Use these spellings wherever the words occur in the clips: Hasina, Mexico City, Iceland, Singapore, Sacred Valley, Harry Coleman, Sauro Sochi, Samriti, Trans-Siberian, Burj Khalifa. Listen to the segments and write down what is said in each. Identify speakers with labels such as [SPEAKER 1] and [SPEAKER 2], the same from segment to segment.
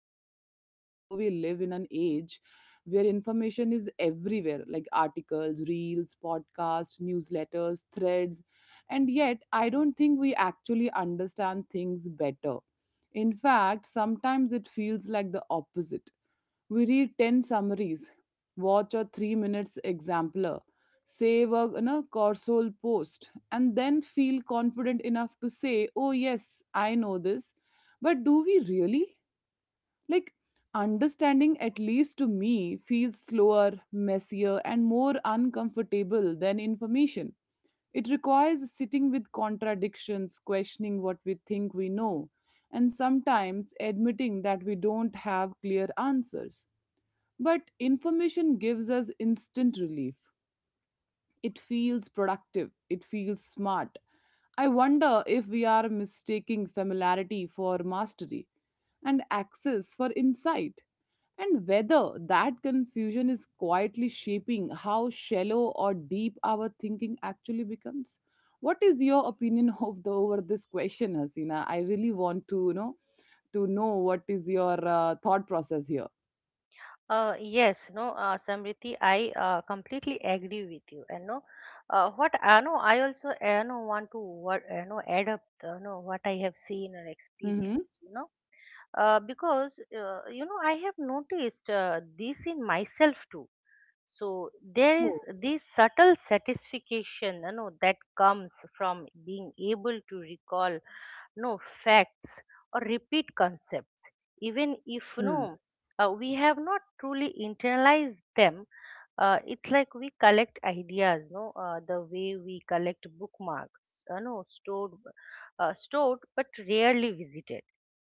[SPEAKER 1] lot about how we live in an age where information is everywhere like articles, reels, podcasts, newsletters, threads. And yet, I don't think we actually understand things better, in fact, sometimes it feels like the opposite. We read 10 summaries, watch a 3 minutes exemplar, save a Corsol post, and then feel confident enough to say, Oh, yes, I know this. But do we really? Like, understanding, at least to me, feels slower, messier, and more uncomfortable than information. It requires sitting with contradictions, questioning what we think we know, and sometimes admitting that we don't have clear answers. But information gives us instant relief. It feels productive, it feels smart. I wonder if we are mistaking familiarity for mastery and access for insight, and whether that confusion is quietly shaping how shallow or deep our thinking actually becomes. What is your opinion of the over this question, Hasina? I really want to to know what is your thought process here.
[SPEAKER 2] Yes, no, Samriti, I completely agree with you. And no, What I know, I also know want to what know add up, know what I have seen and
[SPEAKER 1] Mm-hmm.
[SPEAKER 2] experienced. Because I have noticed this in myself too. So there is
[SPEAKER 1] Oh.
[SPEAKER 2] this subtle satisfaction, you know, that comes from being able to recall no facts or repeat concepts even if we have not truly internalized them. It's like we collect ideas no the way we collect bookmarks, no stored stored but rarely visited.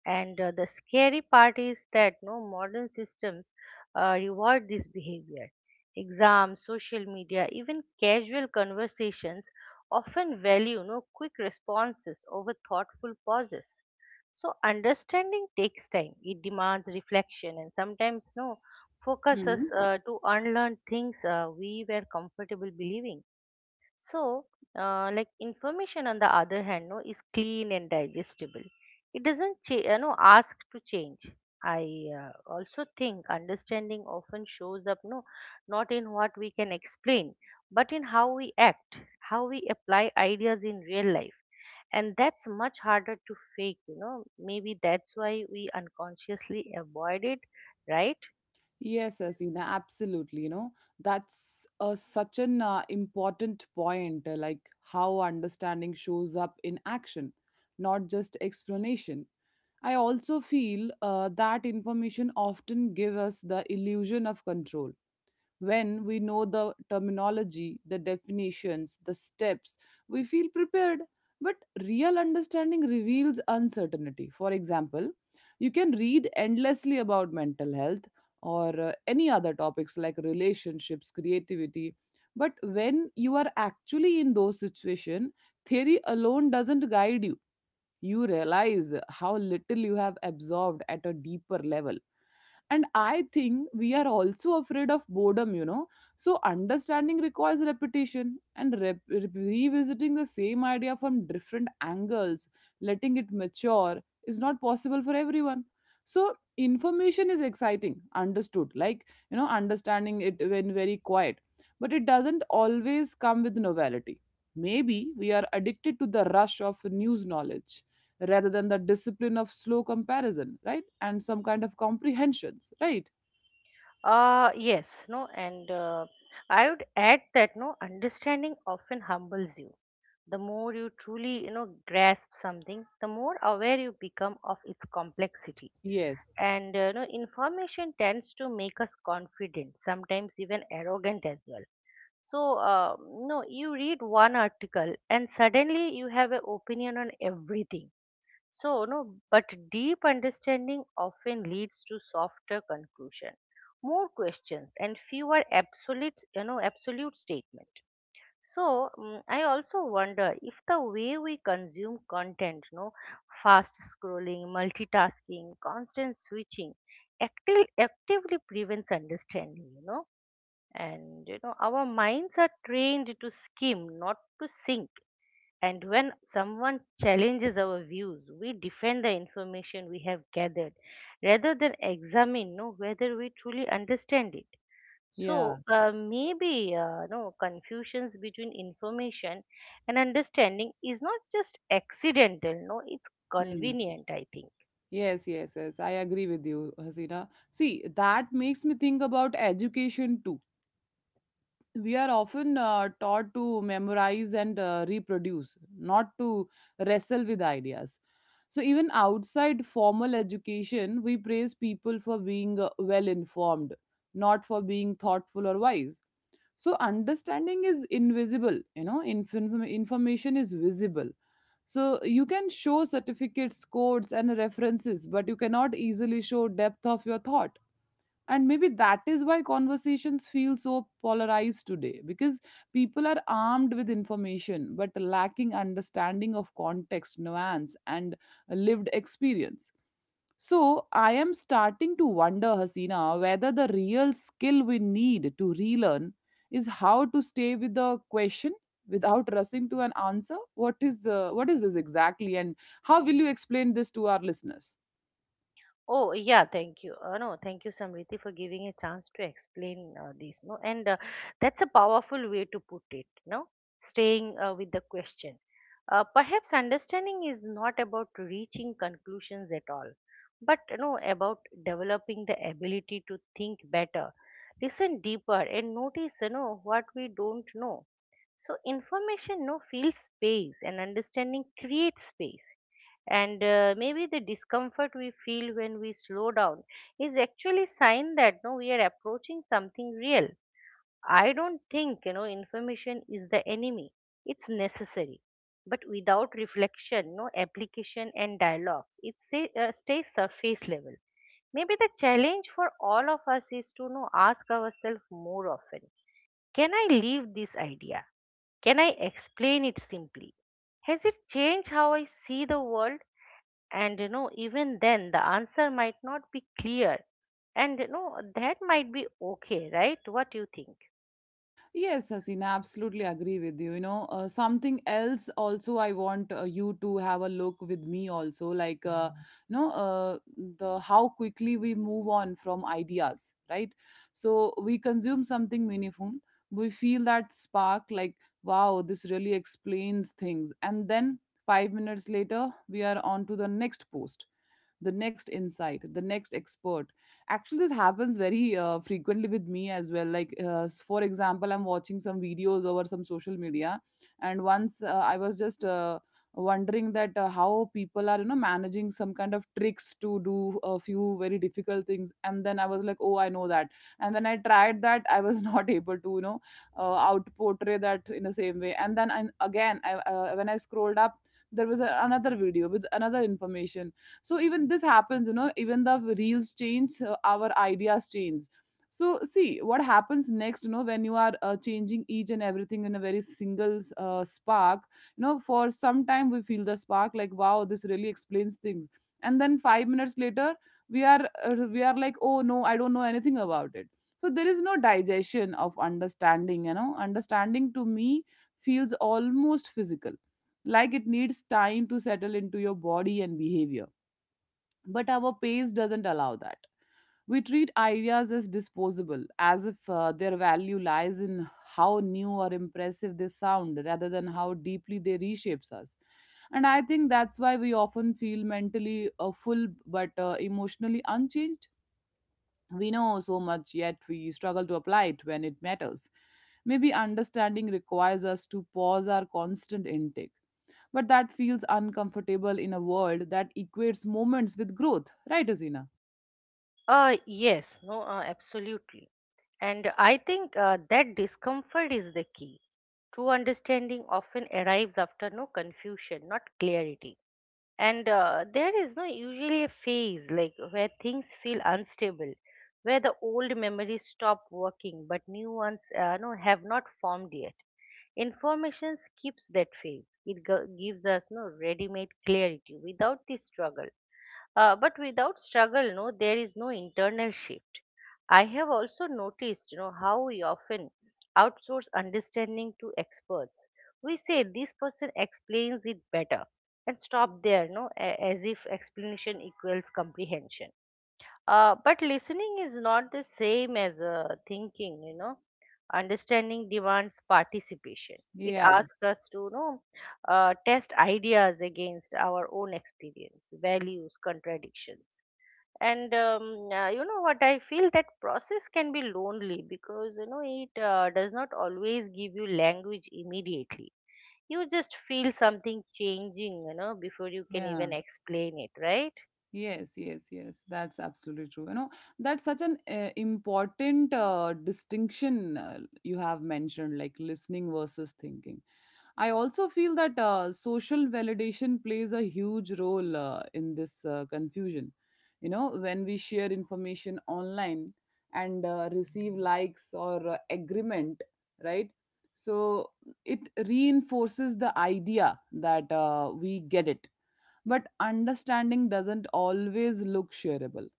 [SPEAKER 2] And The scary part is that no modern systems reward this behavior. Exams, social media, even casual conversations often value no quick responses over thoughtful pauses. So understanding takes time. It demands reflection and sometimes no focuses
[SPEAKER 1] Mm.
[SPEAKER 2] to unlearn things we were comfortable believing. So, like information on the other hand, no, is clean and digestible. It doesn't, you know, ask to change. I also think understanding often shows up, not in what we can explain, but in how we act, how we apply ideas in real life. And that's much harder to fake, you know. Maybe that's why we unconsciously avoid it, right?
[SPEAKER 1] Yes, Asina, absolutely. You know, that's such an important point, like how understanding shows up in action, not just explanation. I also feel that information often give us the illusion of control when we know the terminology, the definitions, the steps, we feel prepared. But real understanding reveals uncertainty. For example, you can read endlessly about mental health or any other topics like relationships, creativity. But when you are actually in those situations, theory alone doesn't guide you. You realize how little you have absorbed at a deeper level, and I think we are also afraid of boredom, you know. So understanding requires repetition and revisiting the same idea from different angles, letting it mature is not possible for everyone. So information is exciting, understood, like, you know, understanding it when very quiet, but it doesn't always come with novelty. Maybe we are addicted to the rush of news knowledge rather than the discipline of slow comparison, right? And some kind of comprehensions, right?
[SPEAKER 2] Yes, no, and I would add that no understanding often humbles you. The more you truly, you know, grasp something, the more aware you become of its complexity.
[SPEAKER 1] Yes.
[SPEAKER 2] And You know, information tends to make us confident, sometimes even arrogant as well. So uh, no You read one article and suddenly you have an opinion on everything. So no But deep understanding often leads to softer conclusion, more questions, and fewer absolute, absolute statements. I also wonder if the way we consume content, you know, fast scrolling, multitasking, constant switching, actively prevents understanding, you know. And you know, our minds are trained to skim, not to sink. And when someone challenges our views, we defend the information we have gathered rather than examine, you know, whether we truly understand it.
[SPEAKER 1] Yeah.
[SPEAKER 2] So maybe no confusions between information and understanding is not just accidental. No, it's
[SPEAKER 1] Hmm.
[SPEAKER 2] convenient, I think.
[SPEAKER 1] Yes, yes, yes. I agree with you, Hasina. See, that makes me think about education too. We are often taught to memorize and reproduce, not to wrestle with ideas. So, even outside formal education, we praise people for being well informed, not for being thoughtful or wise. So understanding is invisible, you know, information is visible. So you can show certificates, codes and references, but you cannot easily show depth of your thought. And maybe that is why conversations feel so polarized today, because people are armed with information but lacking understanding of context, nuance and lived experience. So I am starting to wonder, Hasina, whether the real skill we need to relearn is how to stay with the question without rushing to an answer. What is this exactly, and how will you explain this to our listeners?
[SPEAKER 2] Oh, yeah, thank you. No, Thank you, Samriti, for giving a chance to explain this. No, and That's a powerful way to put it. No, staying with the question. Perhaps understanding is not about reaching conclusions at all, but you know, about developing the ability to think better, listen deeper, and notice, you know, what we don't know. So information no feels space and understanding creates space. And Maybe the discomfort we feel when we slow down is actually sign that no we are approaching something real. I don't think, you know, information is the enemy. It's necessary, but without reflection, no application and dialogues, stays surface level. Maybe the challenge for all of us is to know ask ourselves more often, can I leave this idea, can I explain it simply? Has it changed how I see the world? And you know, even then, the answer might not be clear. And you know, that might be okay, right? What do you think?
[SPEAKER 1] Yes, Hasina, absolutely agree with you. You know, something else also I want you to have a look with me also, like you know, the how quickly we move on from ideas, right? So we consume something meaningful, we feel that spark, like wow, this really explains things, and then 5 minutes later we are on to the next post, the next insight, the next expert. Actually this happens very frequently with me as well, like for example, I'm watching some videos over some social media, and once I was just wondering that how people are, you know, managing some kind of tricks to do a few very difficult things, and then I was like, oh, I know that. And when I tried that, I was not able to, out portray that in the same way. And then when I scrolled up there was another video with another information. So even this happens, you know, even the reels change, our ideas change. So see what happens next, you know, when you are changing each and everything in a very single spark. You know, for some time we feel the spark like wow, this really explains things, and then 5 minutes later we are like, oh no, I don't know anything about it. So there is no digestion of understanding. You know, understanding to me feels almost physical, like it needs time to settle into your body and behavior, but our pace doesn't allow that. We treat ideas as disposable, as if their value lies in how new or impressive they sound rather than how deeply they reshapes us. And I think that's why we often feel mentally full but emotionally unchanged. We know so much, yet we struggle to apply it when it matters. Maybe understanding requires us to pause our constant intake. But that feels uncomfortable in a world that equates moments with growth, right, Azina?
[SPEAKER 2] Yes, no, Absolutely. And I think that discomfort is the key. True understanding often arrives after confusion, not clarity. And There is no usually a phase like where things feel unstable, where the old memories stop working, but new ones have not formed yet. Information skips that phase. Gives us ready-made clarity without the struggle. But without struggle, there is no internal shift. I have also noticed, you know, how we often outsource understanding to experts. We say this person explains it better and stop there, no, as if explanation equals comprehension. But listening is not the same as thinking, you know. Understanding demands participation. It
[SPEAKER 1] Yeah,
[SPEAKER 2] asks us to, you know, test ideas against our own experience, values, contradictions. And You know what? I feel that process can be lonely because, you know, it does not always give you language immediately. You just feel something changing, you know, before you can
[SPEAKER 1] yeah,
[SPEAKER 2] even explain it, right?
[SPEAKER 1] yes, yes, yes. That's absolutely true. You know, that's such an important distinction you have mentioned, like listening versus thinking. I also feel that social validation plays a huge role in this confusion. You know, when we share information online and receive likes or agreement, right? So it reinforces the idea that we get it. But understanding doesn't always look shareable.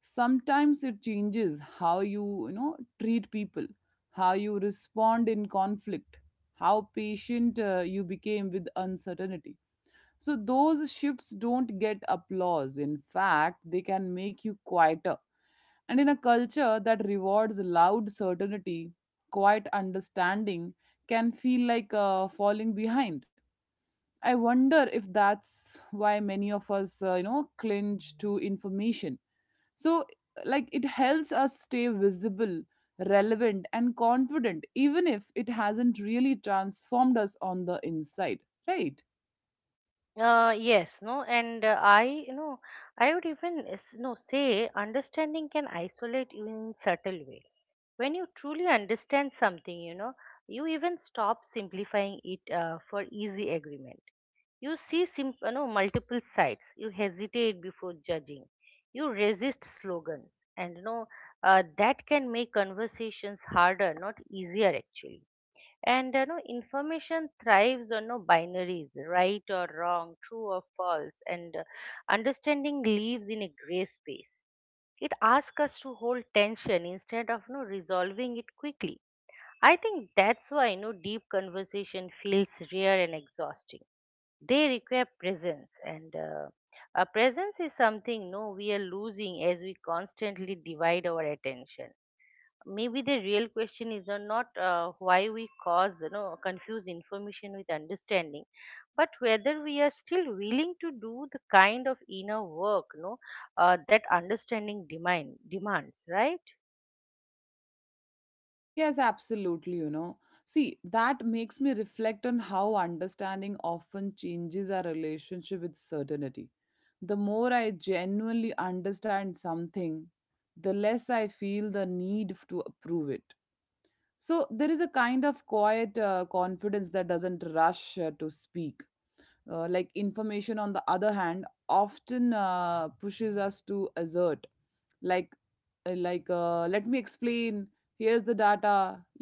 [SPEAKER 1] Sometimes it changes how you, you know, treat people, how you respond in conflict, how patient you became with uncertainty. So those shifts don't get applause, in fact they can make you quieter. And in a culture that rewards loud certainty, quiet understanding can feel like falling behind. I wonder if that's why many of us, you know, clinch to information. So, like, it helps us stay visible, relevant and confident even if it hasn't really transformed us on the inside, right?
[SPEAKER 2] Yes, no, and I, you know, I would even s- no say understanding can isolate you in subtle way. When you truly understand something, you know, you even stop simplifying it for easy agreement. You see, you know, multiple sides. You hesitate before judging. You resist slogans, and you know, that can make conversations harder, not easier, actually. And you know, information thrives on no binaries, right or wrong, true or false, and understanding lives in a gray space. It asks us to hold tension instead of no resolving it quickly. I think that's why no deep conversation feels rare and exhausting. They require presence, and a presence is something no we are losing as we constantly divide our attention. Maybe the real question is not why we cause, you know, confuse information with understanding, but whether we are still willing to do the kind of inner work, you know, that understanding demands, right?
[SPEAKER 1] Yes, absolutely, you know. See, that makes me reflect on how understanding often changes our relationship with certainty. The more I genuinely understand something, the less I feel the need to approve it. So there is a kind of quiet confidence that doesn't rush to speak. Like information, on the other hand, often pushes us to assert, like, let me explain. Here's the data.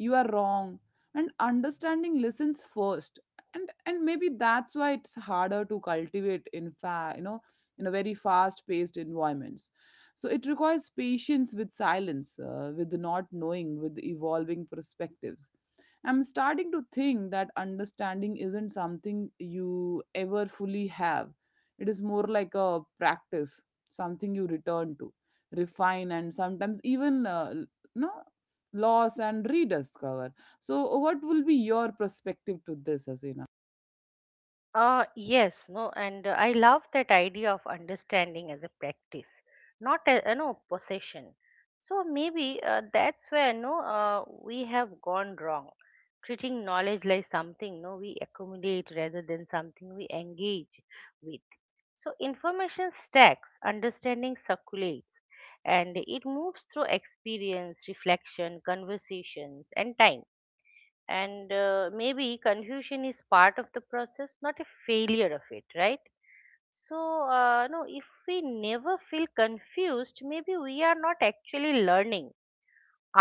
[SPEAKER 1] You are wrong. And understanding listens first, and maybe that's why it's harder to cultivate in fa you know, in a very fast-paced environments. So it requires patience with silence, with not knowing, with evolving perspectives. I'm starting to think that understanding isn't something you ever fully have. It is more like a practice, something you return to, refine, and sometimes even l- no loss and rediscover. So, what will be your perspective to this, Asina?
[SPEAKER 2] Yes, no, and I love that idea of understanding as a practice, not a, you know, possession. So maybe that's where no we have gone wrong, treating knowledge like something no we accumulate rather than something we engage with. So information stacks, understanding circulates, and it moves through experience, reflection, conversations, and time. And Maybe confusion is part of the process, not a failure of it, right? If we never feel confused, maybe we are not actually learning.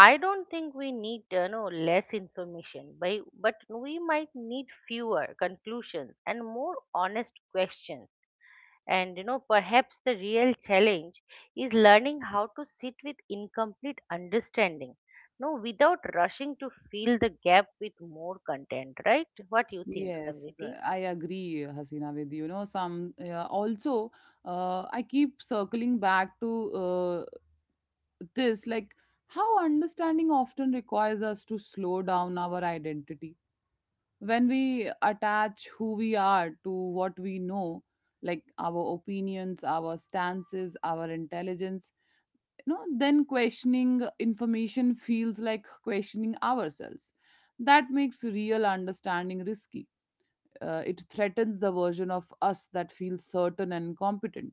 [SPEAKER 2] I don't think we need, no less information by, but we might need fewer conclusions and more honest questions. And you know, perhaps the real challenge is learning how to sit with incomplete understanding, no, without rushing to fill the gap with more content, right? What you think,
[SPEAKER 1] Yes,
[SPEAKER 2] Samriti?
[SPEAKER 1] I agree, Hasina, with you. Know, some also, I keep circling back to this, like how understanding often requires us to slow down our identity. When we attach who we are to what we know, like our opinions, our stances, our intelligence, you know, then questioning information feels like questioning ourselves. That makes real understanding risky, it threatens the version of us that feels certain and competent.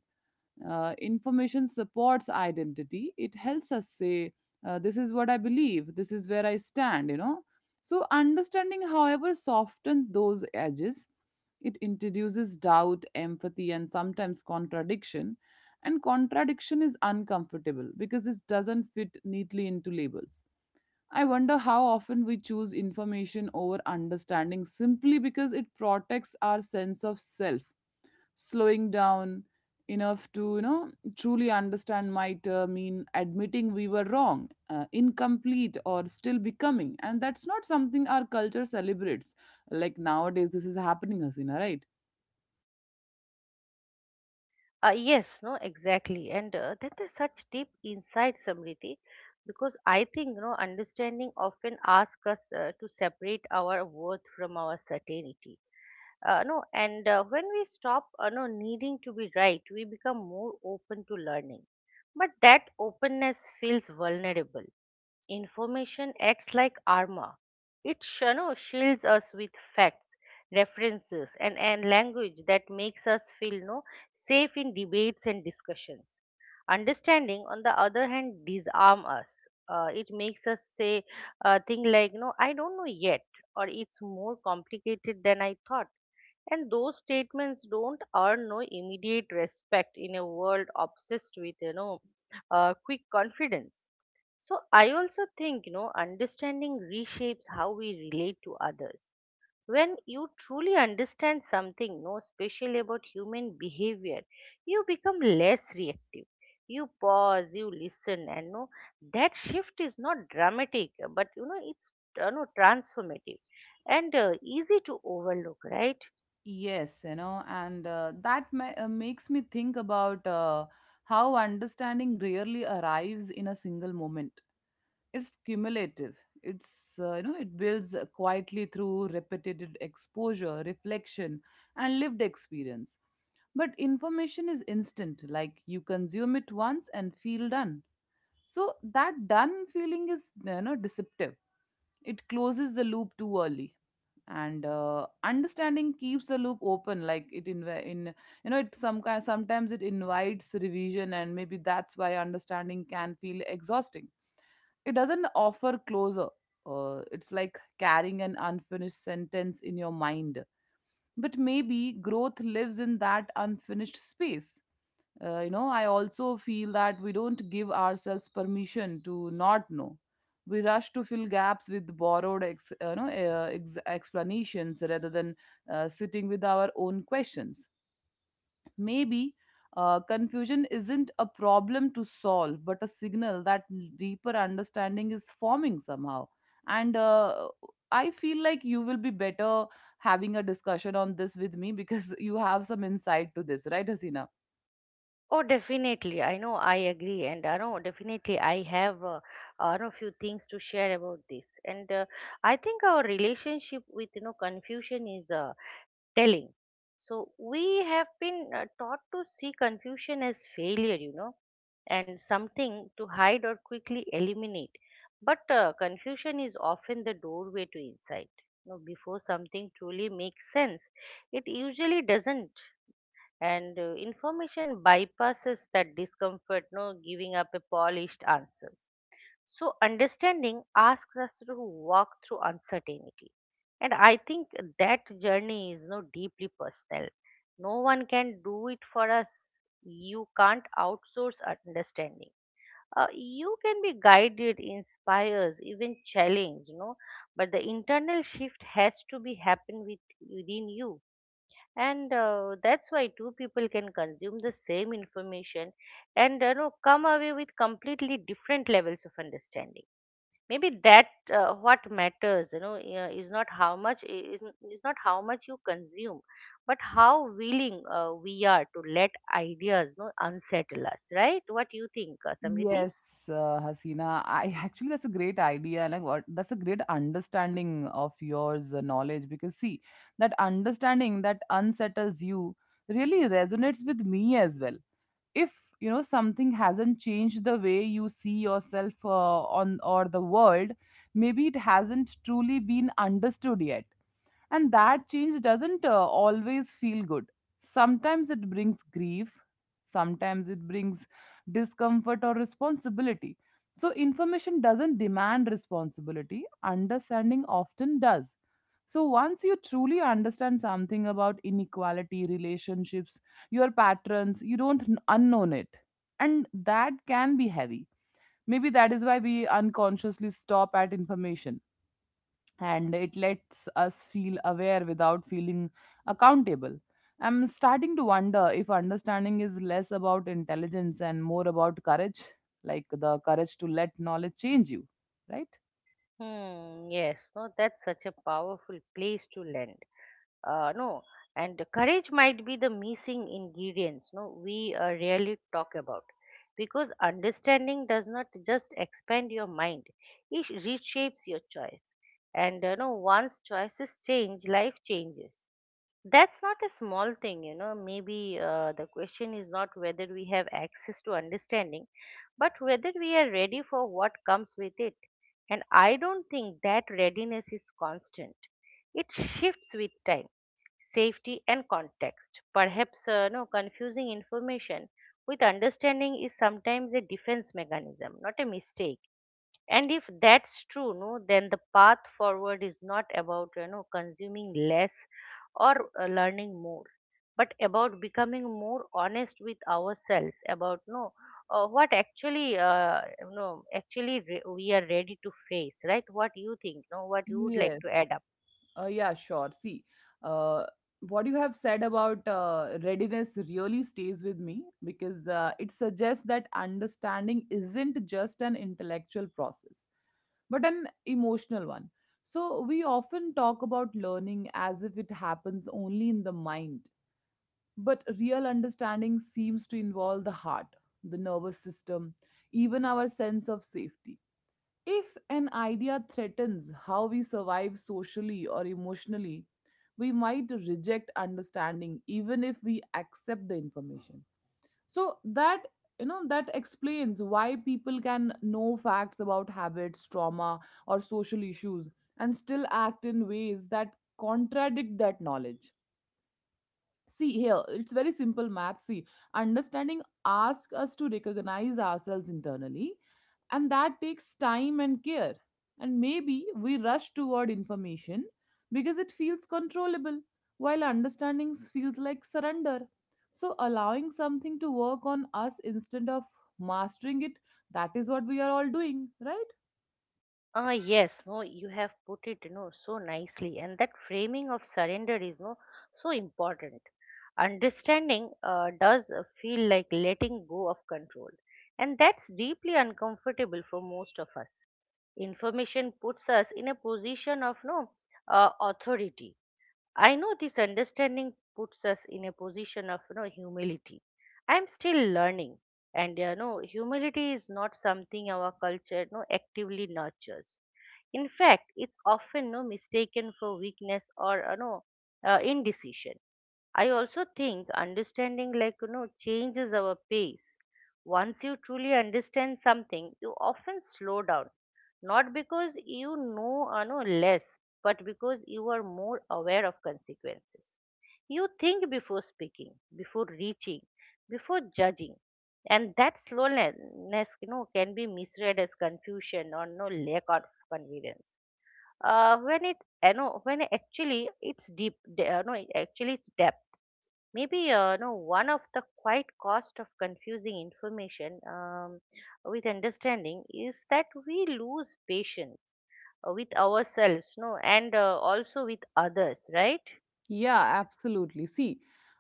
[SPEAKER 1] Information supports identity. It helps us say, this is what I believe, this is where I stand, you know. So, understanding, however, softens those edges. It introduces doubt, empathy, and sometimes contradiction. And contradiction is uncomfortable because this doesn't fit neatly into labels. I wonder how often we choose information over understanding simply because it protects our sense of self. Slowing down enough to, you know, truly understand might mean admitting we were wrong, incomplete, or still becoming. And that's not something our culture celebrates. Like nowadays, this is happening, Hasina, right?
[SPEAKER 2] Yes, no, Exactly. And That is such deep insight, Samriti, because I think, you know, understanding often asks us to separate our worth from our certainty. No and When we stop, no needing to be right, we become more open to learning, but that openness feels vulnerable. Information acts like armor. It sh- no, shields us with facts, references, and language that makes us feel no safe in debates and discussions. Understanding on the other hand disarm us. It makes us say thing like, I don't know yet, or it's more complicated than I thought. And those statements don't earn no immediate respect in a world obsessed with, you know, quick confidence. So I also think, you know, understanding reshapes how we relate to others. When you truly understand something no special about human behavior, you become less reactive. You pause, you listen, and that shift is not dramatic, but you know, it's, transformative and easy to overlook, right?
[SPEAKER 1] Yes, you know, and makes me think about how understanding rarely arrives in a single moment. It's cumulative. It's you know, it builds quietly through repetitive exposure, reflection, and lived experience. But information is instant, like you consume it once and feel done. So that done feeling is, you know, deceptive. It closes the loop too early and understanding keeps the loop open. Like it inv- in you know it some kind Sometimes it invites revision, and maybe that's why understanding can feel exhausting. It doesn't offer closure. It's like carrying an unfinished sentence in your mind, but maybe growth lives in that unfinished space. I also feel that we don't give ourselves permission to not know. We rush to fill gaps with borrowed explanations rather than sitting with our own questions. Maybe confusion isn't a problem to solve but a signal that deeper understanding is forming somehow. And I feel like you will be better having a discussion on this with me because you have some insight to this, right, Hasina?
[SPEAKER 2] Oh, definitely. I know I agree, and I know definitely I have, I know few things to share about this. And I think our relationship with, you know, confusion is telling. So we have been taught to see confusion as failure, you know, and something to hide or quickly eliminate. But confusion is often the doorway to insight. You know, before something truly makes sense, it usually doesn't. And Information bypasses that discomfort, no giving up a polished answers. So understanding asks us to walk through uncertainty, and I think that journey is, deeply personal. No one can do it for us. You can't outsource understanding. You can be guided, inspires, even challenged, you know, but the internal shift has to be happen within you. And That's why two people can consume the same information and, you know, come away with completely different levels of understanding. Maybe that, what matters, you know, is not how much you consume, but how willing we are to let ideas, you know, unsettle us, right? What do you think, Samriti?
[SPEAKER 1] Yes, Hasina. I actually, that's a great idea, and that's a great understanding of yours, knowledge, because see, that understanding that unsettles you really resonates with me as well. If something hasn't changed the way you see yourself on or the world, maybe it hasn't truly been understood yet. And that change doesn't always feel good. Sometimes it brings grief. Sometimes it brings discomfort or responsibility. So information doesn't demand responsibility, understanding often does. So once you truly understand something about inequality, relationships, your patterns, you don't unknown it. And that can be heavy. Maybe that is why we unconsciously stop at information, and it lets us feel aware without feeling accountable. I'm starting to wonder if understanding is less about intelligence and more about courage, like the courage to let knowledge change you, right?
[SPEAKER 2] Hmm. Yes no That's such a powerful place to land. No And courage might be the missing ingredients, no we rarely talk about, because understanding does not just expand your mind, it reshapes your choice. And you know, once choices change, life changes. That's not a small thing, you know. Maybe the question is not whether we have access to understanding, but whether we are ready for what comes with it. And I don't think that readiness is constant. It shifts with time, safety, and context. Perhaps no confusing information with understanding is sometimes a defense mechanism, not a mistake. And if that's true, no, then the path forward is not about consuming less or learning more, but about becoming more honest with ourselves about no what actually we are ready to face, right? What you think? No, what you would like to add up?
[SPEAKER 1] Yeah, sure. See, uh, what you have said about readiness really stays with me because it suggests that understanding isn't just an intellectual process, but an emotional one. So, we often talk about learning as if it happens only in the mind, but real understanding seems to involve the heart, the nervous system, even our sense of safety. If an idea threatens how we survive socially or emotionally, we might reject understanding even if we accept the information. So that you know that explains why people can know facts about habits, trauma, or social issues and still act in ways that contradict that knowledge. See here, it's very simple math. See, understanding asks us to recognize ourselves internally, and that takes time and care. And maybe we rush toward information because it feels controllable, while understanding feels like surrender. So, allowing something to work on us instead of mastering it, that is what we are all doing, right?
[SPEAKER 2] Ah, yes, no, you have put it, so nicely, and that framing of surrender is no so important. Understanding does feel like letting go of control, and that's deeply uncomfortable for most of us. Information puts us in a position of no authority. I know this understanding puts us in a position of humility. I'm still learning, and humility is not something our culture no actively nurtures. In fact, it's often no mistaken for weakness or indecision. I also think understanding, like, changes our pace. Once you truly understand something, you often slow down, not because know less, but because you are more aware of consequences. You think before speaking, before reaching, before judging. And that slowness, can be misread as confusion or no lack of confidence. When it, you know, when actually it's deep, you know, actually it's depth. Maybe no one of the quiet cost of confusing information with understanding is that we lose patience with ourselves, no, and also with others, right?
[SPEAKER 1] Yeah, absolutely. See,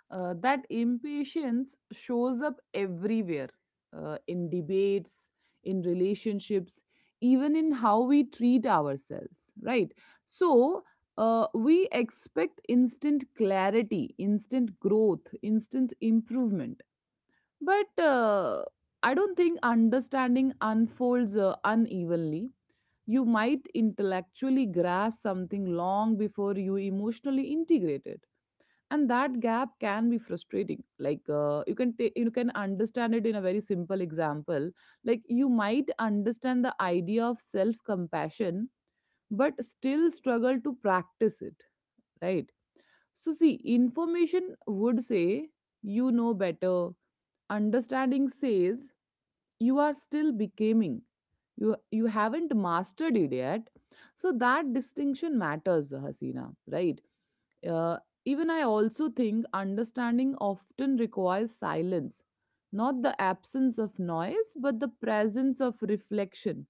[SPEAKER 1] that impatience shows up everywhere, in debates, in relationships, even in how we treat ourselves, right? So, we expect instant clarity, instant growth, instant improvement. But I don't think understanding unfolds unevenly. You might intellectually grasp something long before you emotionally integrate it, and that gap can be frustrating. Like you can understand it in a very simple example. Like you might understand the idea of self compassion but still struggle to practice it, right? So see, information would say you know better, understanding says you are still becoming, you haven't mastered it yet. So that distinction matters, Hasina, right? uh, Even I also think understanding often requires silence, not the absence of noise but the presence of reflection.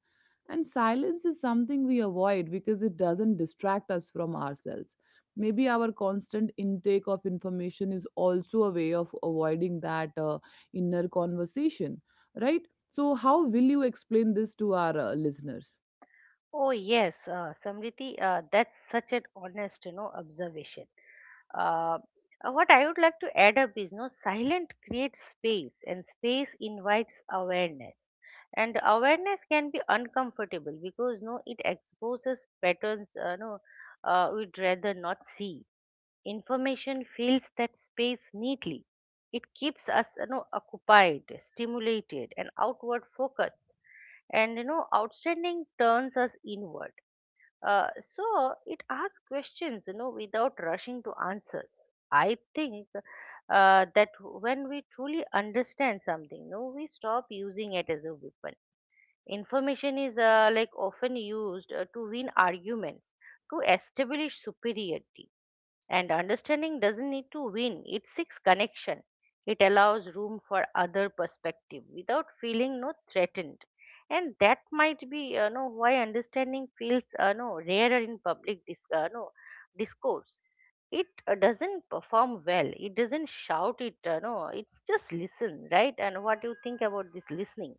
[SPEAKER 1] And silence is something we avoid because it doesn't distract us from ourselves. Maybe our constant intake of information is also a way of avoiding that inner conversation, right? So, how will you explain this to our listeners?
[SPEAKER 2] Oh, yes, Samriti, that's such an honest, observation. Uh, what I would like to add up is, no, silent creates space, and space invites awareness, and awareness can be uncomfortable because, no, it exposes patterns, we'd rather not see. Information fills that space neatly. It keeps us, occupied, stimulated, and outward focused. And, outstanding turns us inward. So it asks questions, without rushing to answers. I think that when we truly understand something, we stop using it as a weapon. Information is like often used to win arguments, to establish superiority, and understanding doesn't need to win, it seeks connection. It allows room for other perspective without feeling no threatened. And that might be why understanding feels no rarer in public discourse. It doesn't perform well. It doesn't shout it. No, it's just listen, right? And what do you think about this listening?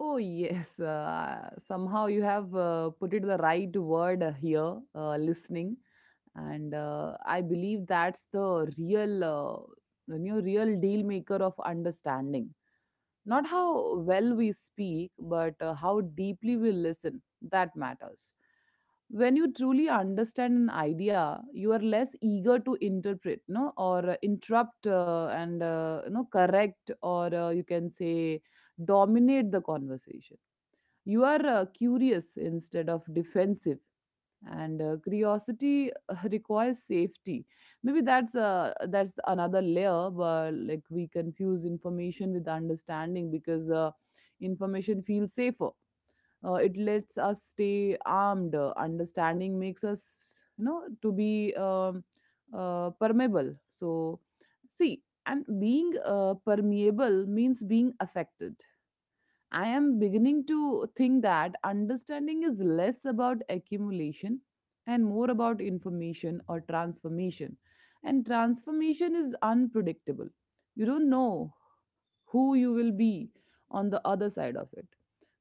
[SPEAKER 1] Oh, yes. Somehow you have put it the right word here, listening. And I believe that's the real, real deal maker of understanding. Not how well we speak, but how deeply we listen, that matters. When you truly understand an idea, you are less eager to interpret, no, or interrupt and correct, or you can say dominate the conversation. You are curious instead of defensive, and curiosity requires safety. Maybe that's another layer. But like, we confuse information with understanding because information feels safer, it lets us stay armed. Understanding makes us to be permeable. So see, and being permeable means being affected. I am beginning to think that understanding is less about accumulation and more about information or transformation. And transformation is unpredictable. You don't know who you will be on the other side of it.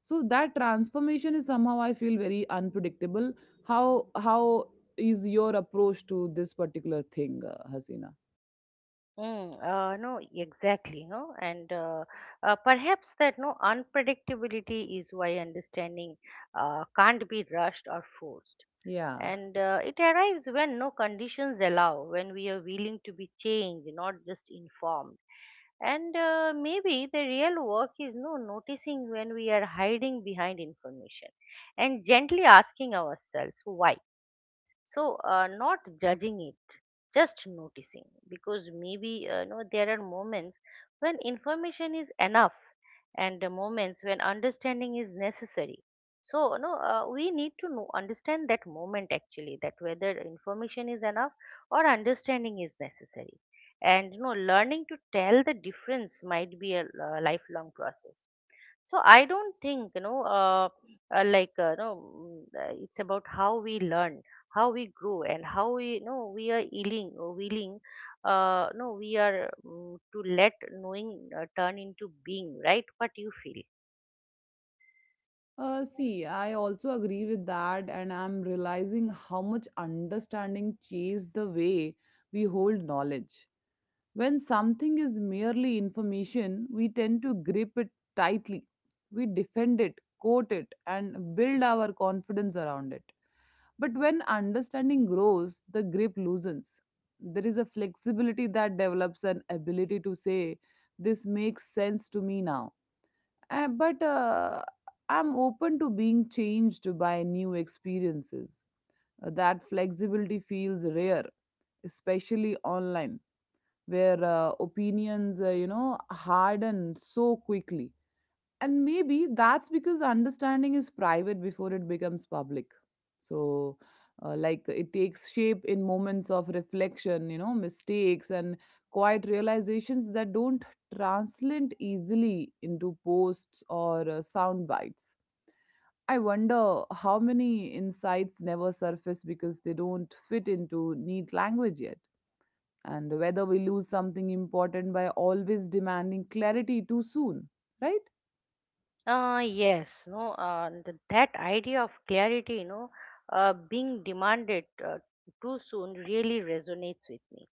[SPEAKER 1] So that transformation is somehow I feel very unpredictable. How is your approach to this particular thing, Hasina?
[SPEAKER 2] No, exactly, no, and perhaps that no unpredictability is why understanding can't be rushed or forced,
[SPEAKER 1] Yeah.
[SPEAKER 2] and it arrives when no conditions allow, when we are willing to be changed, not just informed. And maybe the real work is no noticing when we are hiding behind information, and gently asking ourselves why. So, not judging it, just noticing, because maybe there are moments when information is enough and the moments when understanding is necessary. So we need to know understand that moment, actually, that whether information is enough or understanding is necessary. And learning to tell the difference might be a lifelong process. So I don't think, like, it's about how we learn, how we grow, and how we you know we are willing, willing no we are mm to let knowing turn into being, right? What you feel?
[SPEAKER 1] See, I also agree with that, and I'm realizing how much understanding changes the way we hold knowledge. When something is merely information, we tend to grip it tightly. We defend it, quote it, and build our confidence around it. But when understanding grows, the grip loosens. There is a flexibility that develops, an ability to say, "This makes sense to me now, but I'm open to being changed by new experiences." That flexibility feels rare, especially online, where opinions, harden so quickly. And maybe that's because understanding is private before it becomes public. So like, it takes shape in moments of reflection, you know, mistakes, and quiet realizations that don't translate easily into posts or sound bites. I wonder how many insights never surface because they don't fit into neat language yet, and whether we lose something important by always demanding clarity too soon, right?
[SPEAKER 2] Yes, no, that idea of clarity, being demanded uh, too soon really resonates with me.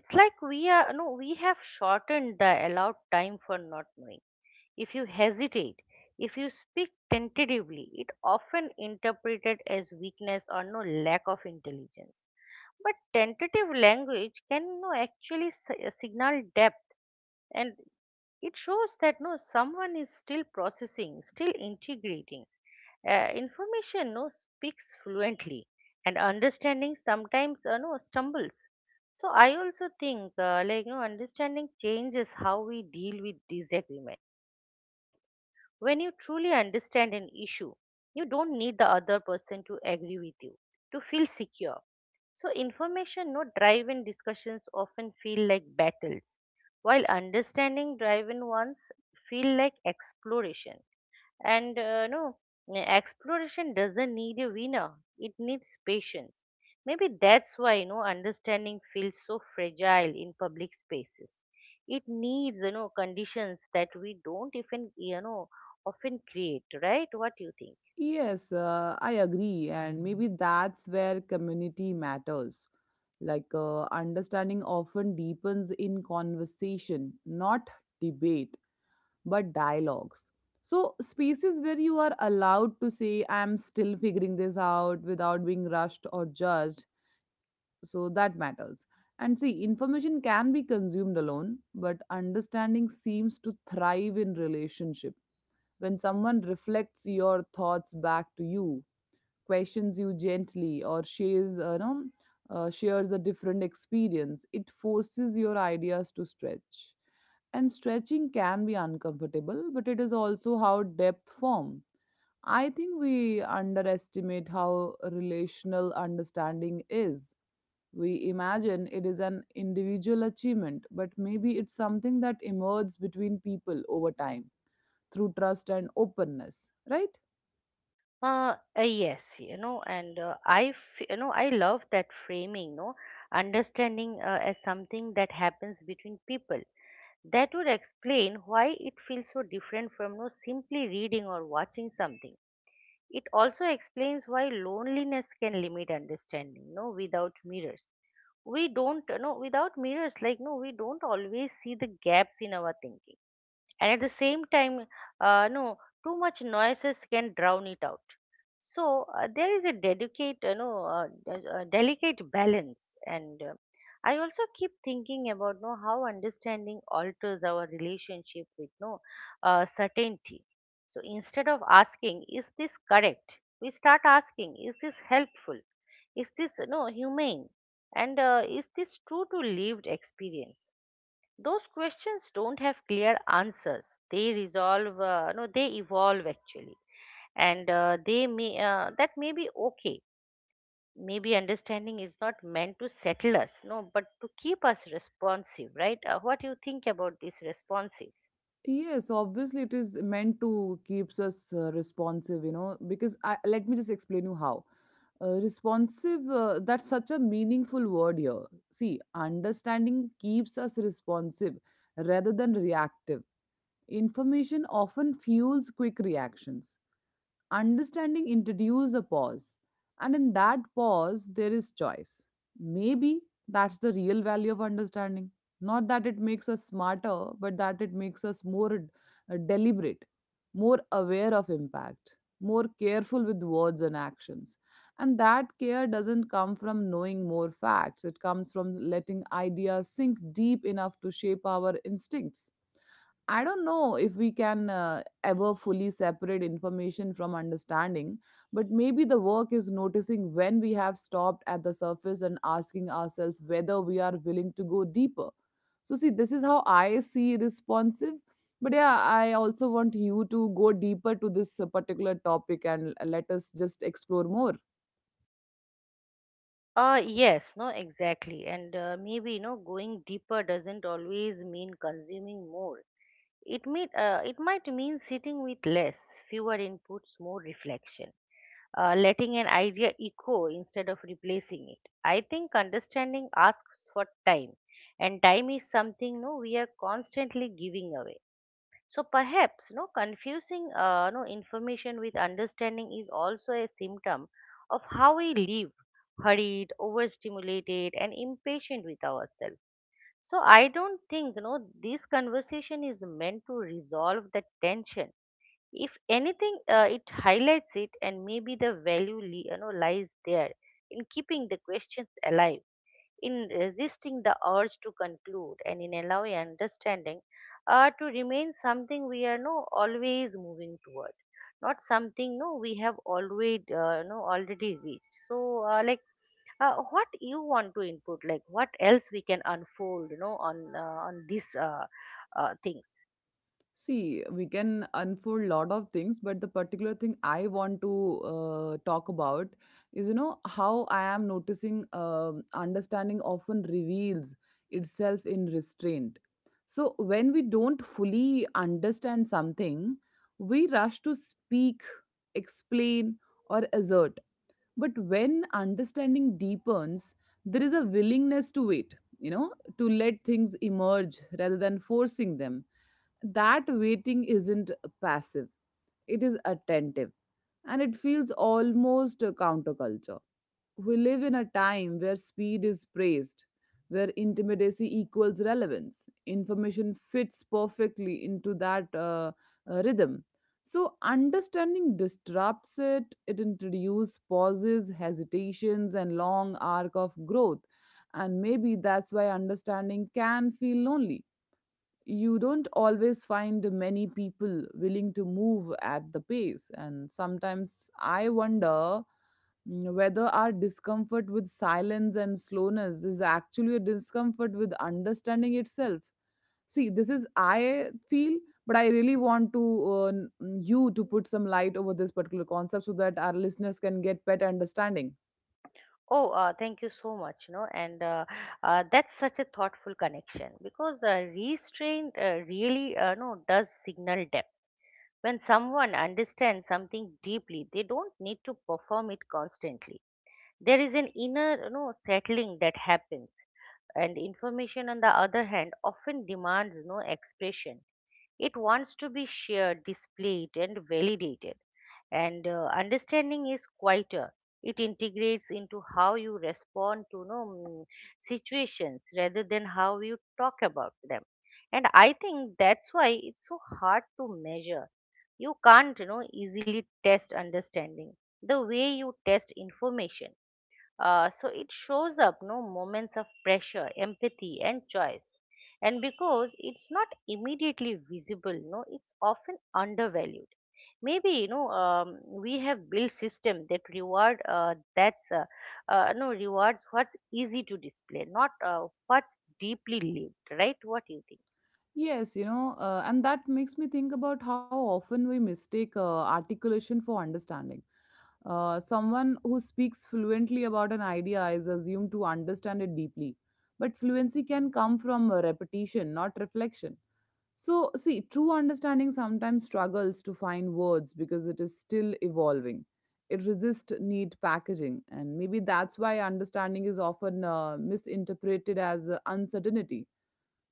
[SPEAKER 2] It's like we are no, we have shortened the allowed time for not knowing. If you hesitate, if you speak tentatively, it often interpreted as weakness or no lack of intelligence. But tentative language can no actually signal depth, and it shows that no someone is still processing, still integrating. Information no speaks fluently, and understanding sometimes no stumbles. So I also think like no understanding changes how we deal with disagreement. When you truly understand an issue, you don't need the other person to agree with you to feel secure. So, information no drive discussions often feel like battles, while understanding driven ones feel like exploration. And no, exploration doesn't need a winner. It needs patience. Maybe that's why understanding feels so fragile in public spaces. It needs conditions that we don't even often create, right? What do you think?
[SPEAKER 1] Yes, I agree, and maybe that's where community matters. Like, understanding often deepens in conversation, not debate, but dialogues. So, spaces where you are allowed to say, "I'm still figuring this out," without being rushed or judged, so that matters. And see, information can be consumed alone, but understanding seems to thrive in relationship. When someone reflects your thoughts back to you, questions you gently, or shares no, shares a different experience, it forces your ideas to stretch. And stretching can be uncomfortable, but it is also how depth form. I think we underestimate how relational understanding is. We imagine it is an individual achievement, but maybe it's something that emerges between people over time, through trust and openness, right?
[SPEAKER 2] Yes, and I, f- you know, I love that framing, no, understanding as something that happens between people. That would explain why it feels so different from no simply reading or watching something. It also explains why loneliness can limit understanding, no, without mirrors. We don't, no, without mirrors, like no, we don't always see the gaps in our thinking. And at the same time, no, too much noises can drown it out. So there is a delicate, you know, d- delicate balance, and I also keep thinking about know how understanding alters our relationship with no certainty. So instead of asking, "Is this correct?" we start asking, "Is this helpful? Is this humane? And is this true to lived experience?" Those questions don't have clear answers. They resolve, no, they evolve actually. And they may that may be okay. Maybe understanding is not meant to settle us, no, but to keep us responsive, right? What do you think about this responsive?
[SPEAKER 1] Yes, obviously it is meant to keeps us responsive, you know, because I, let me just explain you how. Responsive, that's such a meaningful word here. See, understanding keeps us responsive rather than reactive. Information often fuels quick reactions. Understanding introduces a pause, and in that pause, there is choice. Maybe that's the real value of understanding. Not that it makes us smarter, but that it makes us more deliberate, more aware of impact, more careful with words and actions. And that care doesn't come from knowing more facts, it comes from letting ideas sink deep enough to shape our instincts. I don't know if we can ever fully separate information from understanding, but maybe the work is noticing when we have stopped at the surface and asking ourselves whether we are willing to go deeper. So, see, this is how I see responsive. But yeah, I also want you to go deeper to this particular topic, and let us just explore more.
[SPEAKER 2] Yes, no, exactly, and maybe going deeper doesn't always mean consuming more. It might mean sitting with less, fewer inputs, more reflection, letting an idea echo instead of replacing it. I think understanding asks for time, and time is something no we are constantly giving away. So perhaps no confusing no information with understanding is also a symptom of how we live, hurried, overstimulated, and impatient with ourselves. So I don't think, this conversation is meant to resolve the tension. If anything, it highlights it, and maybe the value, lies there, in keeping the questions alive, in resisting the urge to conclude, and in allowing understanding to remain something we are no always moving toward, not something no we have already, no already reached. So, like what you want to input, like what else we can unfold, on these things?
[SPEAKER 1] See, we can unfold lot of things, but the particular thing I want to talk about is, you know, how I am noticing understanding often reveals itself in restraint. So when we don't fully understand something, we rush to speak, explain, or assert. But when understanding deepens, there is a willingness to wait, you know, to let things emerge rather than forcing them. That waiting isn't passive, it is attentive, and it feels almost a counterculture. We live in a time where speed is praised, where intimacy equals relevance. Information fits perfectly into that rhythm. So, understanding disrupts it. It introduces pauses, hesitations, and long arc of growth. And maybe that's why understanding can feel lonely. You don't always find many people willing to move at the pace. And sometimes I wonder whether our discomfort with silence and slowness is actually a discomfort with understanding itself. See, this is I feel, but I really want to you to put some light over this particular concept so that our listeners can get better understanding.
[SPEAKER 2] Oh, thank you so much, and that's such a thoughtful connection because restraint really no does signal depth. When someone understands something deeply, they don't need to perform it constantly. There is an inner settling that happens, and information, on the other hand, often demands no expression. It wants to be shared, displayed, and validated. And understanding is quieter. It integrates into how you respond to situations rather than how you talk about them. And I think that's why it's so hard to measure. You can't, easily test understanding the way you test information. So it shows up no moments of pressure, empathy, and choice. And because it's not immediately visible, no, it's often undervalued. Maybe we have built system that reward that's no rewards what's easy to display, not what's deeply lived. Right? What do you think?
[SPEAKER 1] Yes, you know, and that makes me think about how often we mistake articulation for understanding. Someone who speaks fluently about an idea is assumed to understand it deeply, but fluency can come from repetition, not reflection. So, see, true understanding sometimes struggles to find words because it is still evolving. It resists neat packaging, and maybe that's why understanding is often misinterpreted as uncertainty.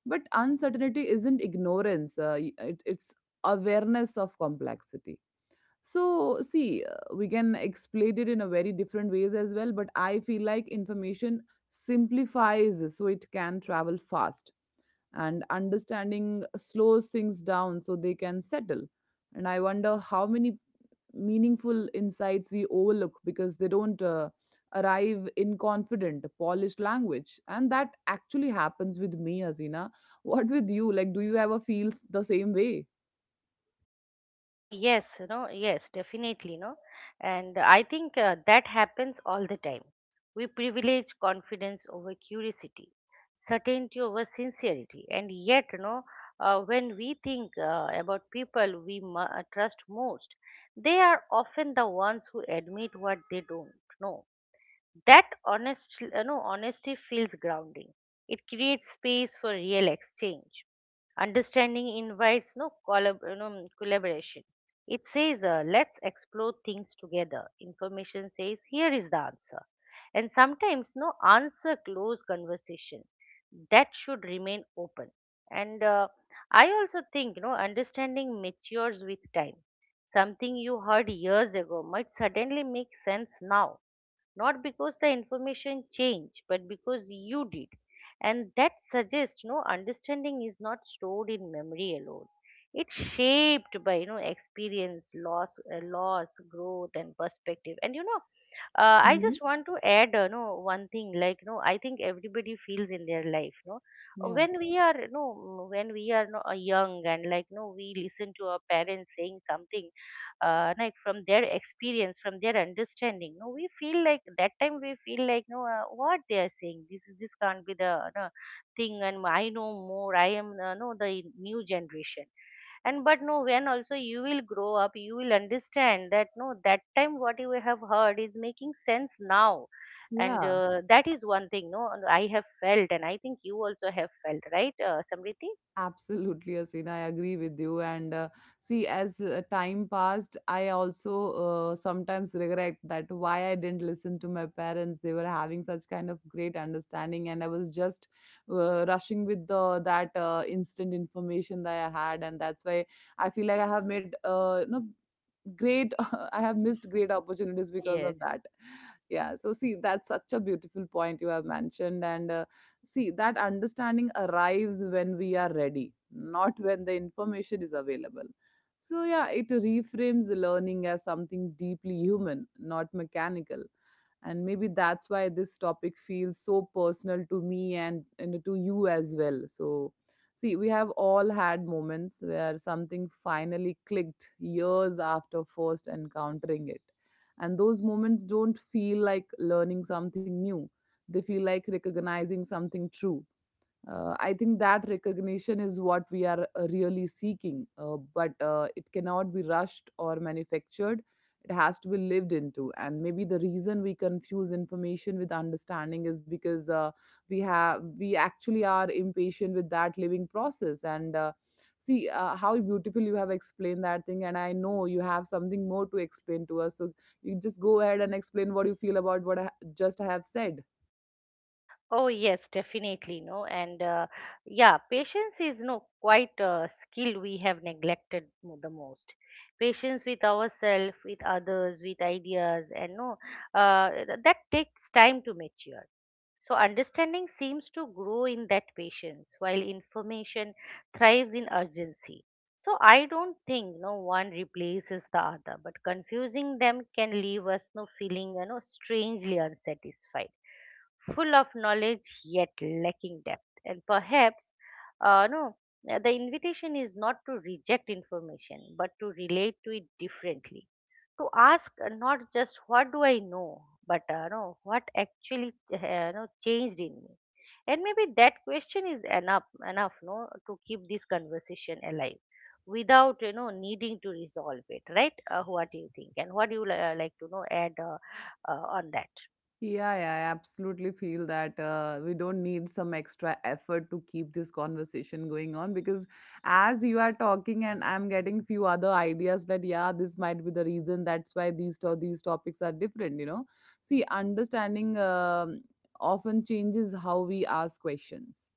[SPEAKER 1] But uncertainty isn't ignorance, it's awareness of complexity. So, see, we can explain it in a very different ways as well, but I feel like information simplifies so it can travel fast, and understanding slows things down so they can settle. And I wonder how many meaningful insights we overlook because they don't arrive in confident polished language. And that actually happens with me, Hasina. What with you, like, do you ever feel the same way?
[SPEAKER 2] Oh, yes, yes, definitely, no. And I think that happens all the time. We privilege confidence over curiosity, certainty over sincerity. And yet, when we think about people we trust most, they are often the ones who admit what they don't know. That honesty feels grounding. It creates space for real exchange. Understanding invites no collaboration. It says, let's explore things together. Information says, here is the answer. And sometimes, no answer close conversation. That should remain open. And I also think, understanding matures with time. Something you heard years ago might suddenly make sense now, not because the information changed but because you did, and that suggests understanding is not stored in memory alone. It's shaped by experience, loss, growth and perspective and you know I
[SPEAKER 1] Mhm.
[SPEAKER 2] just want to add no, one thing, like, no, I think everybody feels in their life, no,
[SPEAKER 1] Yeah,
[SPEAKER 2] when we are no young, and, like, no, we listen to our parents saying something, like, from their experience, from their understanding, no, we feel like that time, we feel like no, what they are saying, this can't be the, no, thing, and I know more, I am, no, the new generation. And but no, when also you will grow up, you will understand that no, that time what you have heard is making sense now. And
[SPEAKER 1] yeah.
[SPEAKER 2] that is one thing, no, and I have felt, and I think you also have felt, right, Samriti?
[SPEAKER 1] Absolutely, Asina. I agree with you. And see, as time passed, I also sometimes regret that why I didn't listen to my parents. They were having such kind of great understanding, and I was just rushing with the that instant information that I had, and that's why I feel like I have made you know, great I have missed great opportunities because
[SPEAKER 2] Yes.
[SPEAKER 1] of that. Yeah, so see, that's such a beautiful point you have mentioned. And see, that understanding arrives when we are ready, not when the information is available. So yeah, it reframes learning as something deeply human, not mechanical. And maybe that's why this topic feels so personal to me, and to you as well. So see, we have all had moments where something finally clicked years after first encountering it. And those moments don't feel like learning something new, they feel like recognizing something true. I think that recognition is what we are really seeking, but it cannot be rushed or manufactured. It has to be lived into. And maybe the reason we confuse information with understanding is because we actually are impatient with that living process. And see, how beautiful you have explained that thing, and I know you have something more to explain to us, so you just go ahead and explain what you feel about what I just have said.
[SPEAKER 2] Oh yes, definitely no, and yeah, patience is no quite a skill we have neglected the most. Patience with ourselves, with others, with ideas, and no, that takes time to mature. So understanding seems to grow in that patience, while information thrives in urgency. So I don't think no one replaces the other, but confusing them can leave us no feeling, strangely unsatisfied, full of knowledge yet lacking depth. And perhaps, no, the invitation is not to reject information, but to relate to it differently, to ask not just what do I know, but no, what actually, no, changed in me. And maybe that question is enough, enough, no, to keep this conversation alive, without needing to resolve it, right? What do you think, and what do you like to know add, on that?
[SPEAKER 1] Yeah, yeah, I absolutely feel that we don't need some extra effort to keep this conversation going on, because as you are talking and I'm getting few other ideas, that yeah, this might be the reason that's why these topics are different, you know. See, understanding often changes how we ask questions.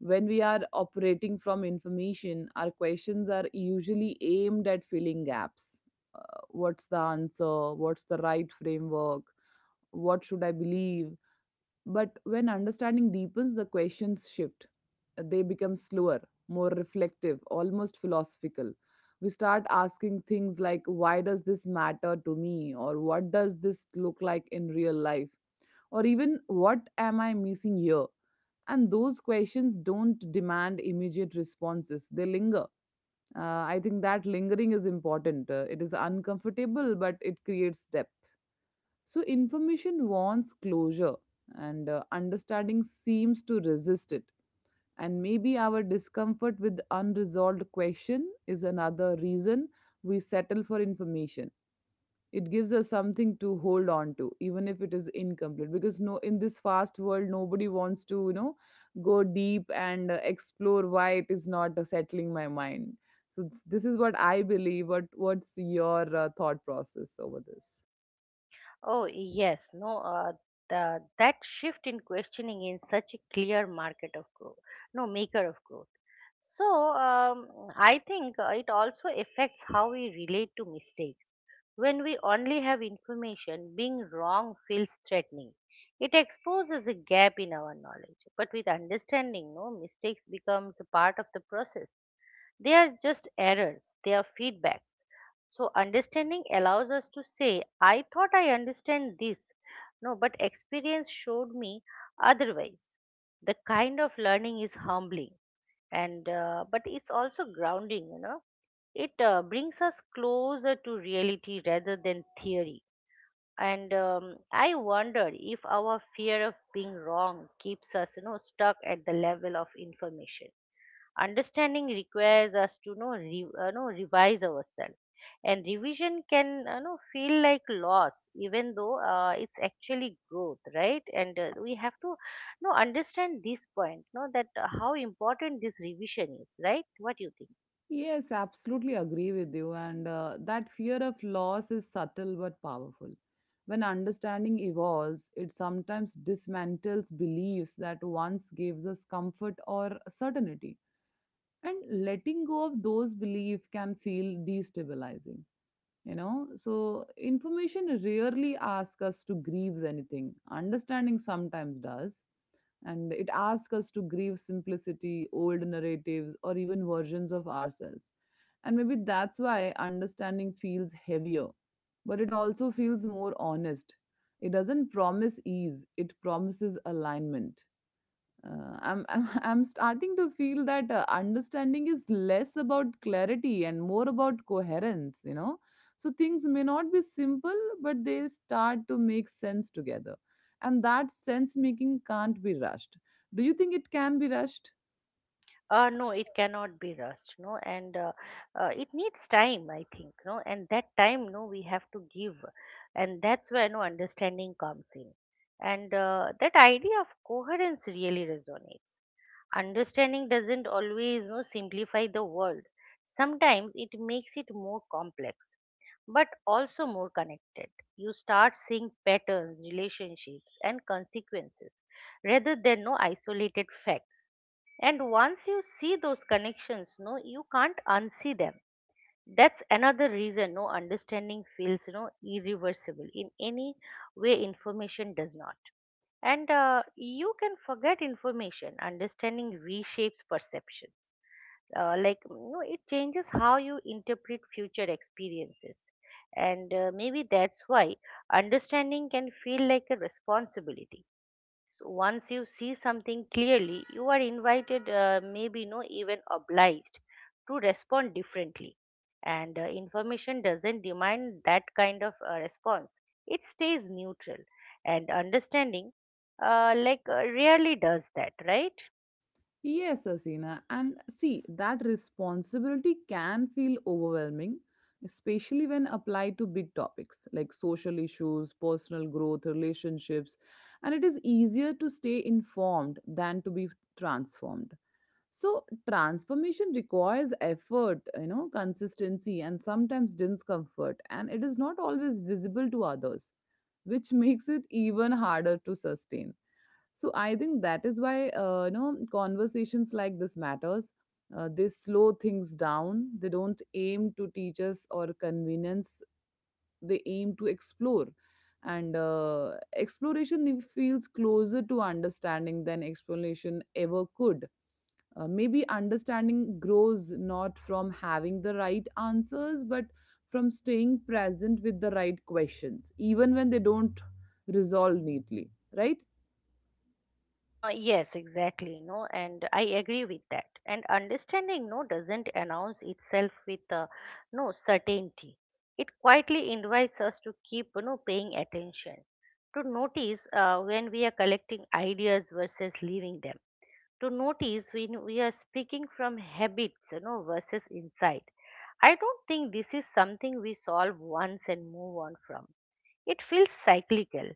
[SPEAKER 1] When we are operating from information, our questions are usually aimed at filling gaps. What's the answer? What's the right framework? What should I believe? But when understanding deepens, the questions shift. They become slower, more reflective, almost philosophical. We start asking things like, why does this matter to me? Or what does this look like in real life? Or even, what am I missing here? And those questions don't demand immediate responses, they linger. I think that lingering is important. It is uncomfortable, but it creates depth. So, information wants closure, and understanding seems to resist it. And maybe our discomfort with unresolved question is another reason we settle for information. It gives us something to hold on to, even if it is incomplete, because no, in this fast world nobody wants to, you know, go deep and explore why it is not settling my mind. So this is what I believe. What, what's your thought process over this?
[SPEAKER 2] Oh yes, no, the that shift in questioning in such a clear market of growth, no, maker of growth. So, I think it also affects how we relate to mistakes. When we only have information, being wrong feels threatening. It exposes a gap in our knowledge. But with understanding, no, mistakes becomes a part of the process. They are just errors, they are feedbacks. So understanding allows us to say, I thought I understand this. No, but experience showed me otherwise. The kind of learning is humbling, and but it's also grounding, it brings us closer to reality rather than theory. And I wonder if our fear of being wrong keeps us, stuck at the level of information. Understanding requires us to know, know, revise ourselves, and revision can, feel like loss, even though it's actually growth, right? And we have to know, understand this point, know that how important this revision is, right? What do you think?
[SPEAKER 1] Yes, absolutely agree with you. And that fear of loss is subtle but powerful. When understanding evolves, it sometimes dismantles beliefs that once gives us comfort or certainty. And letting go of those beliefs can feel destabilizing, you know. So information rarely asks us to grieve anything, understanding sometimes does. And it asks us to grieve simplicity, old narratives, or even versions of ourselves. And maybe that's why understanding feels heavier, but it also feels more honest. It doesn't promise ease, it promises alignment. I'm I'm starting to feel that understanding is less about clarity and more about coherence. You know, so things may not be simple, but they start to make sense together, and that sense making can't be rushed. Do you think it can be rushed?
[SPEAKER 2] No, it cannot be rushed, no, and it needs time, I think, no, and that time, no, we have to give, and that's where no understanding comes in. And that idea of coherence really resonates. Understanding doesn't always no simplify the world, sometimes it makes it more complex, but also more connected. You start seeing patterns, relationships, and consequences, rather than no isolated facts. And once you see those connections, no, you can't unsee them. That's another reason no understanding feels, irreversible in any way, information does not. And you can forget information, understanding reshapes perceptions. Like, it changes how you interpret future experiences. And maybe that's why understanding can feel like a responsibility. So once you see something clearly, you are invited, maybe no, even obliged to respond differently. And information doesn't demand that kind of response. It stays neutral, and understanding, rarely does that, right?
[SPEAKER 1] Yes, Asina. And see, that responsibility can feel overwhelming, especially when applied to big topics like social issues, personal growth, relationships. And it is easier to stay informed than to be transformed. So, transformation requires effort, you know, consistency, and sometimes discomfort. And it is not always visible to others, which makes it even harder to sustain. So I think that is why, you know, conversations like this matters. They slow things down, they don't aim to teach us or convenience, they aim to explore. And exploration, it feels closer to understanding than explanation ever could. Maybe understanding grows not from having the right answers, but from staying present with the right questions, even when they don't resolve neatly, right?
[SPEAKER 2] Yes, exactly. No, and I agree with that. And understanding no doesn't announce itself with no certainty. It quietly invites us to keep, paying attention, to notice when we are collecting ideas versus leaving them, to notice when we are speaking from habits, versus insight. I don't think this is something we solve once and move on from. It feels cyclical.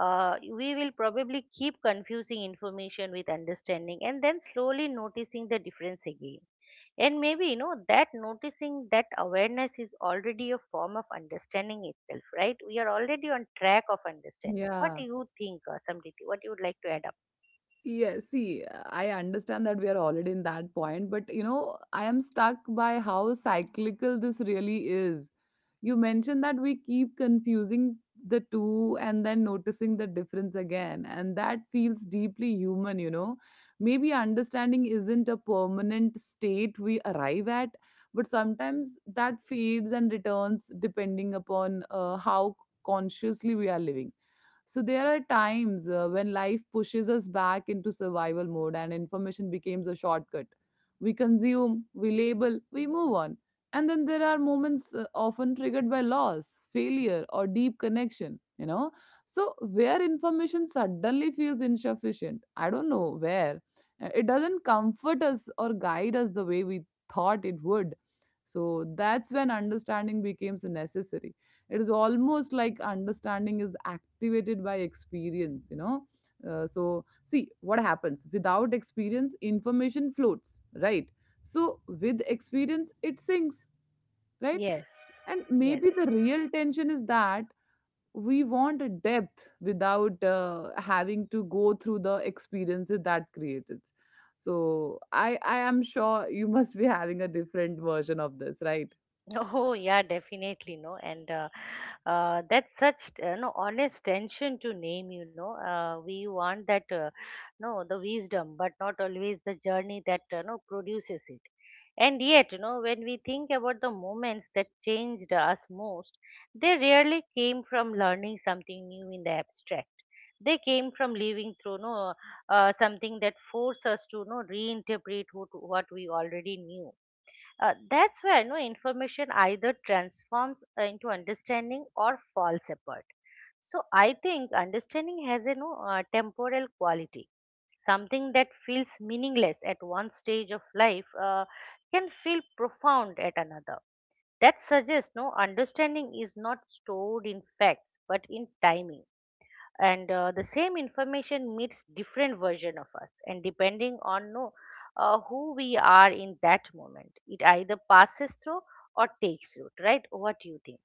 [SPEAKER 2] We will probably keep confusing information with understanding, and then slowly noticing the difference again. And maybe, that noticing, that awareness, is already a form of understanding itself, right? We are already on track of understanding. What
[SPEAKER 1] Yeah.
[SPEAKER 2] do you think, Samriti? What you would like to add up?
[SPEAKER 1] Yes, see, I understand that we are already in that point, but you know, I am stuck by how cyclical this really is. You mentioned that we keep confusing the two and then noticing the difference again, and that feels deeply human, you know. Maybe understanding isn't a permanent state we arrive at, but sometimes that fades and returns depending upon how consciously we are living. So there are times when life pushes us back into survival mode and information becomes a shortcut. We consume, we label, we move on. And then there are moments, often triggered by loss, failure, or deep connection, you know. So where information suddenly feels insufficient, I don't know where. It doesn't comfort us or guide us the way we thought it would. So that's when understanding becomes necessary. It is almost like understanding is activated by experience, you know. So, see, what happens without experience, information floats, right? So, with experience, it sinks, right?
[SPEAKER 2] Yes.
[SPEAKER 1] And
[SPEAKER 2] Yes.
[SPEAKER 1] maybe the real tension is that we want a depth without having to go through the experiences that created. So I am sure you must be having a different version of this, right?
[SPEAKER 2] Oh yeah, definitely no, and that's such no honest tension to name. We want that no, the wisdom, but not always the journey that no produces it. And yet, when we think about the moments that changed us most, they rarely came from learning something new in the abstract. They came from living through, no, something that forced us to no reinterpret what we already knew. That's where no information either transforms into understanding or falls apart. So I think understanding has a no temporal quality. Something that feels meaningless at one stage of life can feel profound at another. That suggests no understanding is not stored in facts but in timing. And the same information meets different version of us, and depending on no, who we are in that moment, it either passes through or takes root, right? What do you think?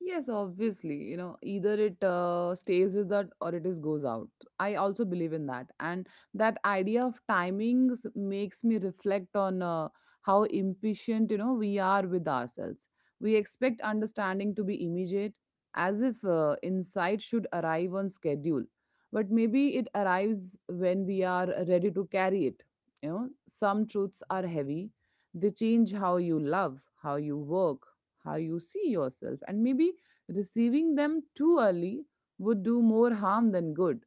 [SPEAKER 1] Yes, obviously, you know, either it stays with that or it is goes out. I also believe in that. And that idea of timings makes me reflect on how impatient, you know, we are with ourselves. We expect understanding to be immediate, as if insight should arrive on schedule. But maybe it arrives when we are ready to carry it. You know, some truths are heavy, they change how you love, how you work, how you see yourself, and maybe receiving them too early would do more harm than good.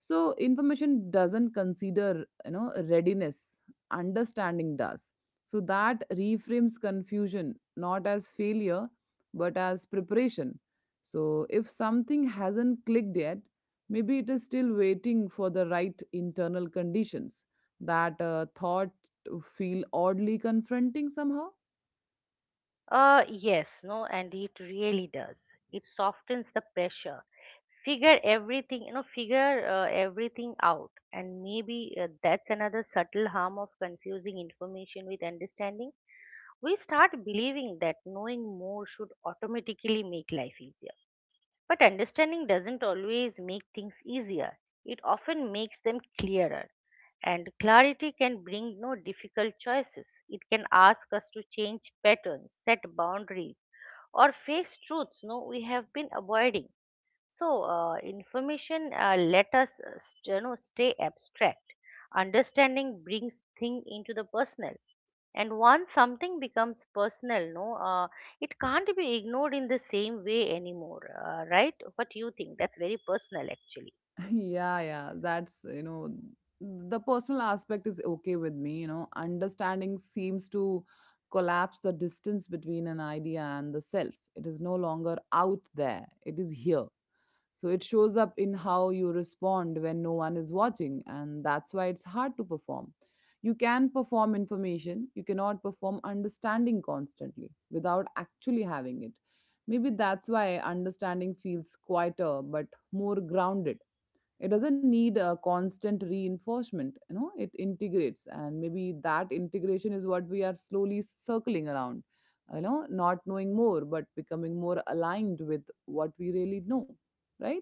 [SPEAKER 1] So information doesn't consider, you know, readiness, understanding does. So that reframes confusion not as failure but as preparation. So if something hasn't clicked yet, maybe it is still waiting for the right internal conditions. That thought to feel oddly confronting somehow.
[SPEAKER 2] yes, no, and it really does, it softens the pressure, figure everything, figure everything out. And maybe that's another subtle harm of confusing information with understanding. We start believing that knowing more should automatically make life easier. But understanding doesn't always make things easier, it often makes them clearer. And clarity can bring no difficult choices. It can ask us to change patterns, set boundaries, or face truths no we have been avoiding. So information let us, stay abstract. Understanding brings thing into the personal, and once something becomes personal, no, it can't be ignored in the same way anymore. Right? What you think? That's very personal, actually.
[SPEAKER 1] Yeah, yeah, that's, you know, the personal aspect is okay with me, you know. Understanding seems to collapse the distance between an idea and the self. It is no longer out there, it is here. So it shows up in how you respond when no one is watching, and that's why it's hard to perform. You can perform information, you cannot perform understanding constantly without actually having it. Maybe that's why understanding feels quieter but more grounded. It doesn't need a constant reinforcement, you know, it integrates. And maybe that integration is what we are slowly circling around, you know, not knowing more but becoming more aligned with what we really know, right?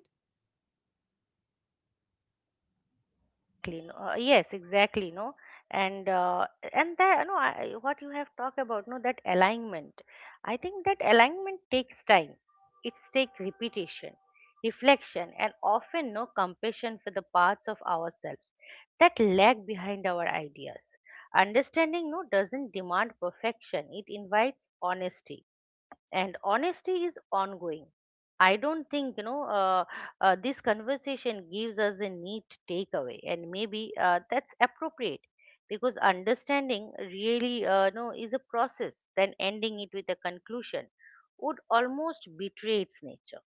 [SPEAKER 2] Exactly, no, yes, exactly, no, and and that, no, I, what you have talked about, no, that alignment, I think that alignment takes time. It's take repetition, reflection, and often no compassion for the parts of ourselves that lag behind our ideas. Understanding no doesn't demand perfection, it invites honesty, and honesty is ongoing. I don't think, this conversation gives us a neat takeaway, and maybe that's appropriate, because understanding really no is a process, then ending it with a conclusion would almost betray its nature.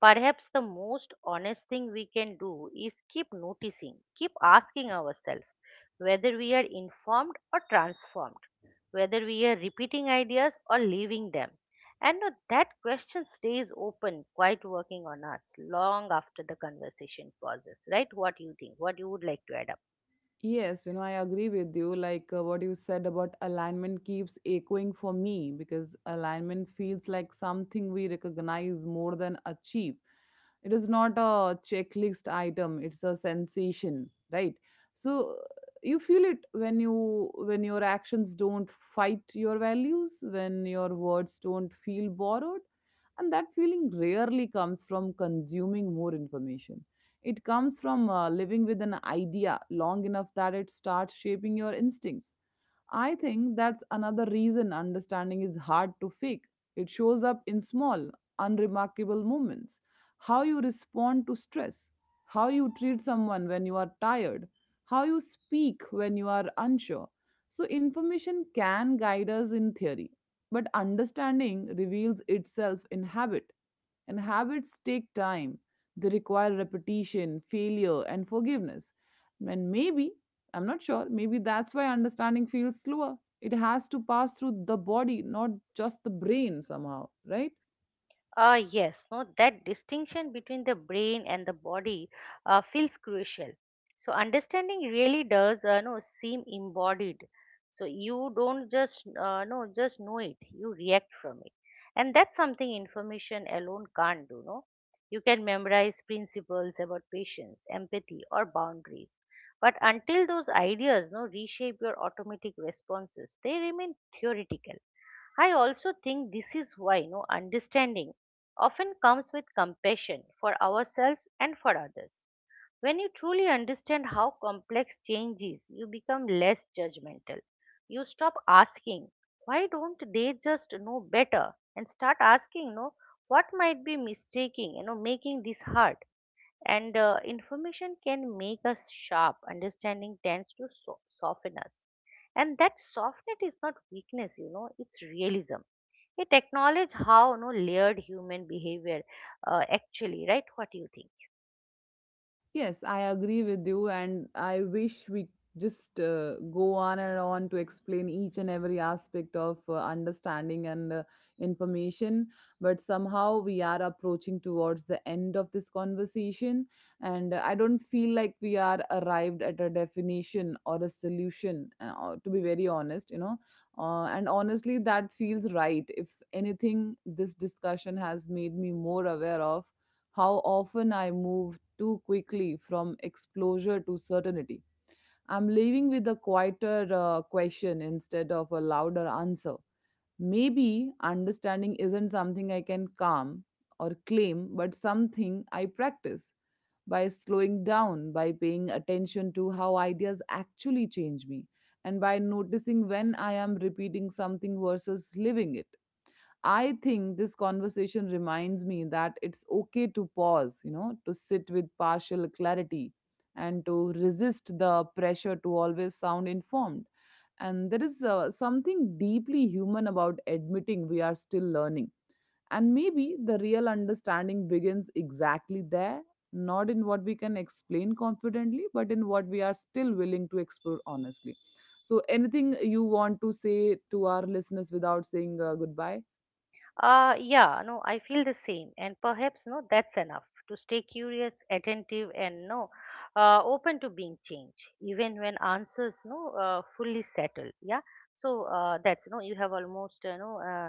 [SPEAKER 2] Perhaps the most honest thing we can do is keep noticing, keep asking ourselves whether we are informed or transformed, whether we are repeating ideas or leaving them. And now that question stays open, quite working on us long after the conversation pauses, right? What you think? What you would like to add up?
[SPEAKER 1] Yes, you know, I agree with you. Like, what you said about alignment keeps echoing for me, because alignment feels like something we recognize more than achieve. It is not a checklist item, it's a sensation, right? So you feel it when your actions don't fight your values, when your words don't feel borrowed, and that feeling rarely comes from consuming more information. It comes from living with an idea long enough that it starts shaping your instincts. I think that's another reason understanding is hard to fake. It shows up in small, unremarkable moments. How you respond to stress, how you treat someone when you are tired, how you speak when you are unsure. So, information can guide us in theory, but understanding reveals itself in habit. And habits take time, they require repetition, failure, and forgiveness. And maybe I'm not sure. Maybe that's why understanding feels slower. It has to pass through the body, not just the brain, somehow, right?
[SPEAKER 2] Ah, yes, no, that distinction between the brain and the body feels crucial. So understanding really does, no, seem embodied. So you don't just, no, just know it. You react from it, and that's something information alone can't do. No, you can memorize principles about patience, empathy, or boundaries, but until those ideas, no, reshape your automatic responses, they remain theoretical. I also think this is why no understanding often comes with compassion for ourselves and for others. When you truly understand how complex change is, you become less judgmental. You stop asking, why don't they just know better? And start asking, what might be mistaking, making this hard? And information can make us sharp. Understanding tends to soften us. And that softness is not weakness, it's realism. It acknowledges how no layered human behavior actually, right? What do you think?
[SPEAKER 1] Yes, I agree with you, and I wish we just go on and on to explain each and every aspect of understanding and information. But somehow we are approaching towards the end of this conversation, and I don't feel like we are arrived at a definition or a solution, to be very honest, you know. And honestly, that feels right. If anything, this discussion has made me more aware of how often I move too quickly from exposure to certainty. I'm leaving with a quieter question instead of a louder answer. Maybe understanding isn't something I can calm or claim, but something I practice, by slowing down, by paying attention to how ideas actually change me, and by noticing when I am repeating something versus living it. I think this conversation reminds me that it's okay to pause, you know, to sit with partial clarity and to resist the pressure to always sound informed. And there is something deeply human about admitting we are still learning. And maybe the real understanding begins exactly there, not in what we can explain confidently, but in what we are still willing to explore honestly. So, anything you want to say to our listeners without saying goodbye?
[SPEAKER 2] Yeah, no, I feel the same, and perhaps no, that's enough to stay curious, attentive, and no, open to being changed, even when answers no fully settled. Yeah, so that's no, you have almost, no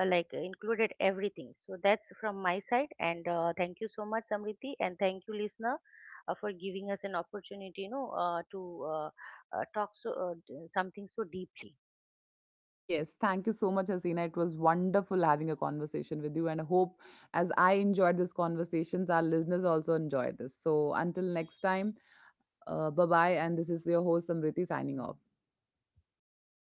[SPEAKER 2] like included everything. So that's from my side, and thank you so much, Samriti, and thank you, listener, for giving us an opportunity, to talk so something so deeply.
[SPEAKER 1] Yes, thank you so much, Hasina. It was wonderful having a conversation with you, and I hope as I enjoyed these conversations, our listeners also enjoyed this. So, until next time, bye bye. And this is your host, Samriti, signing off.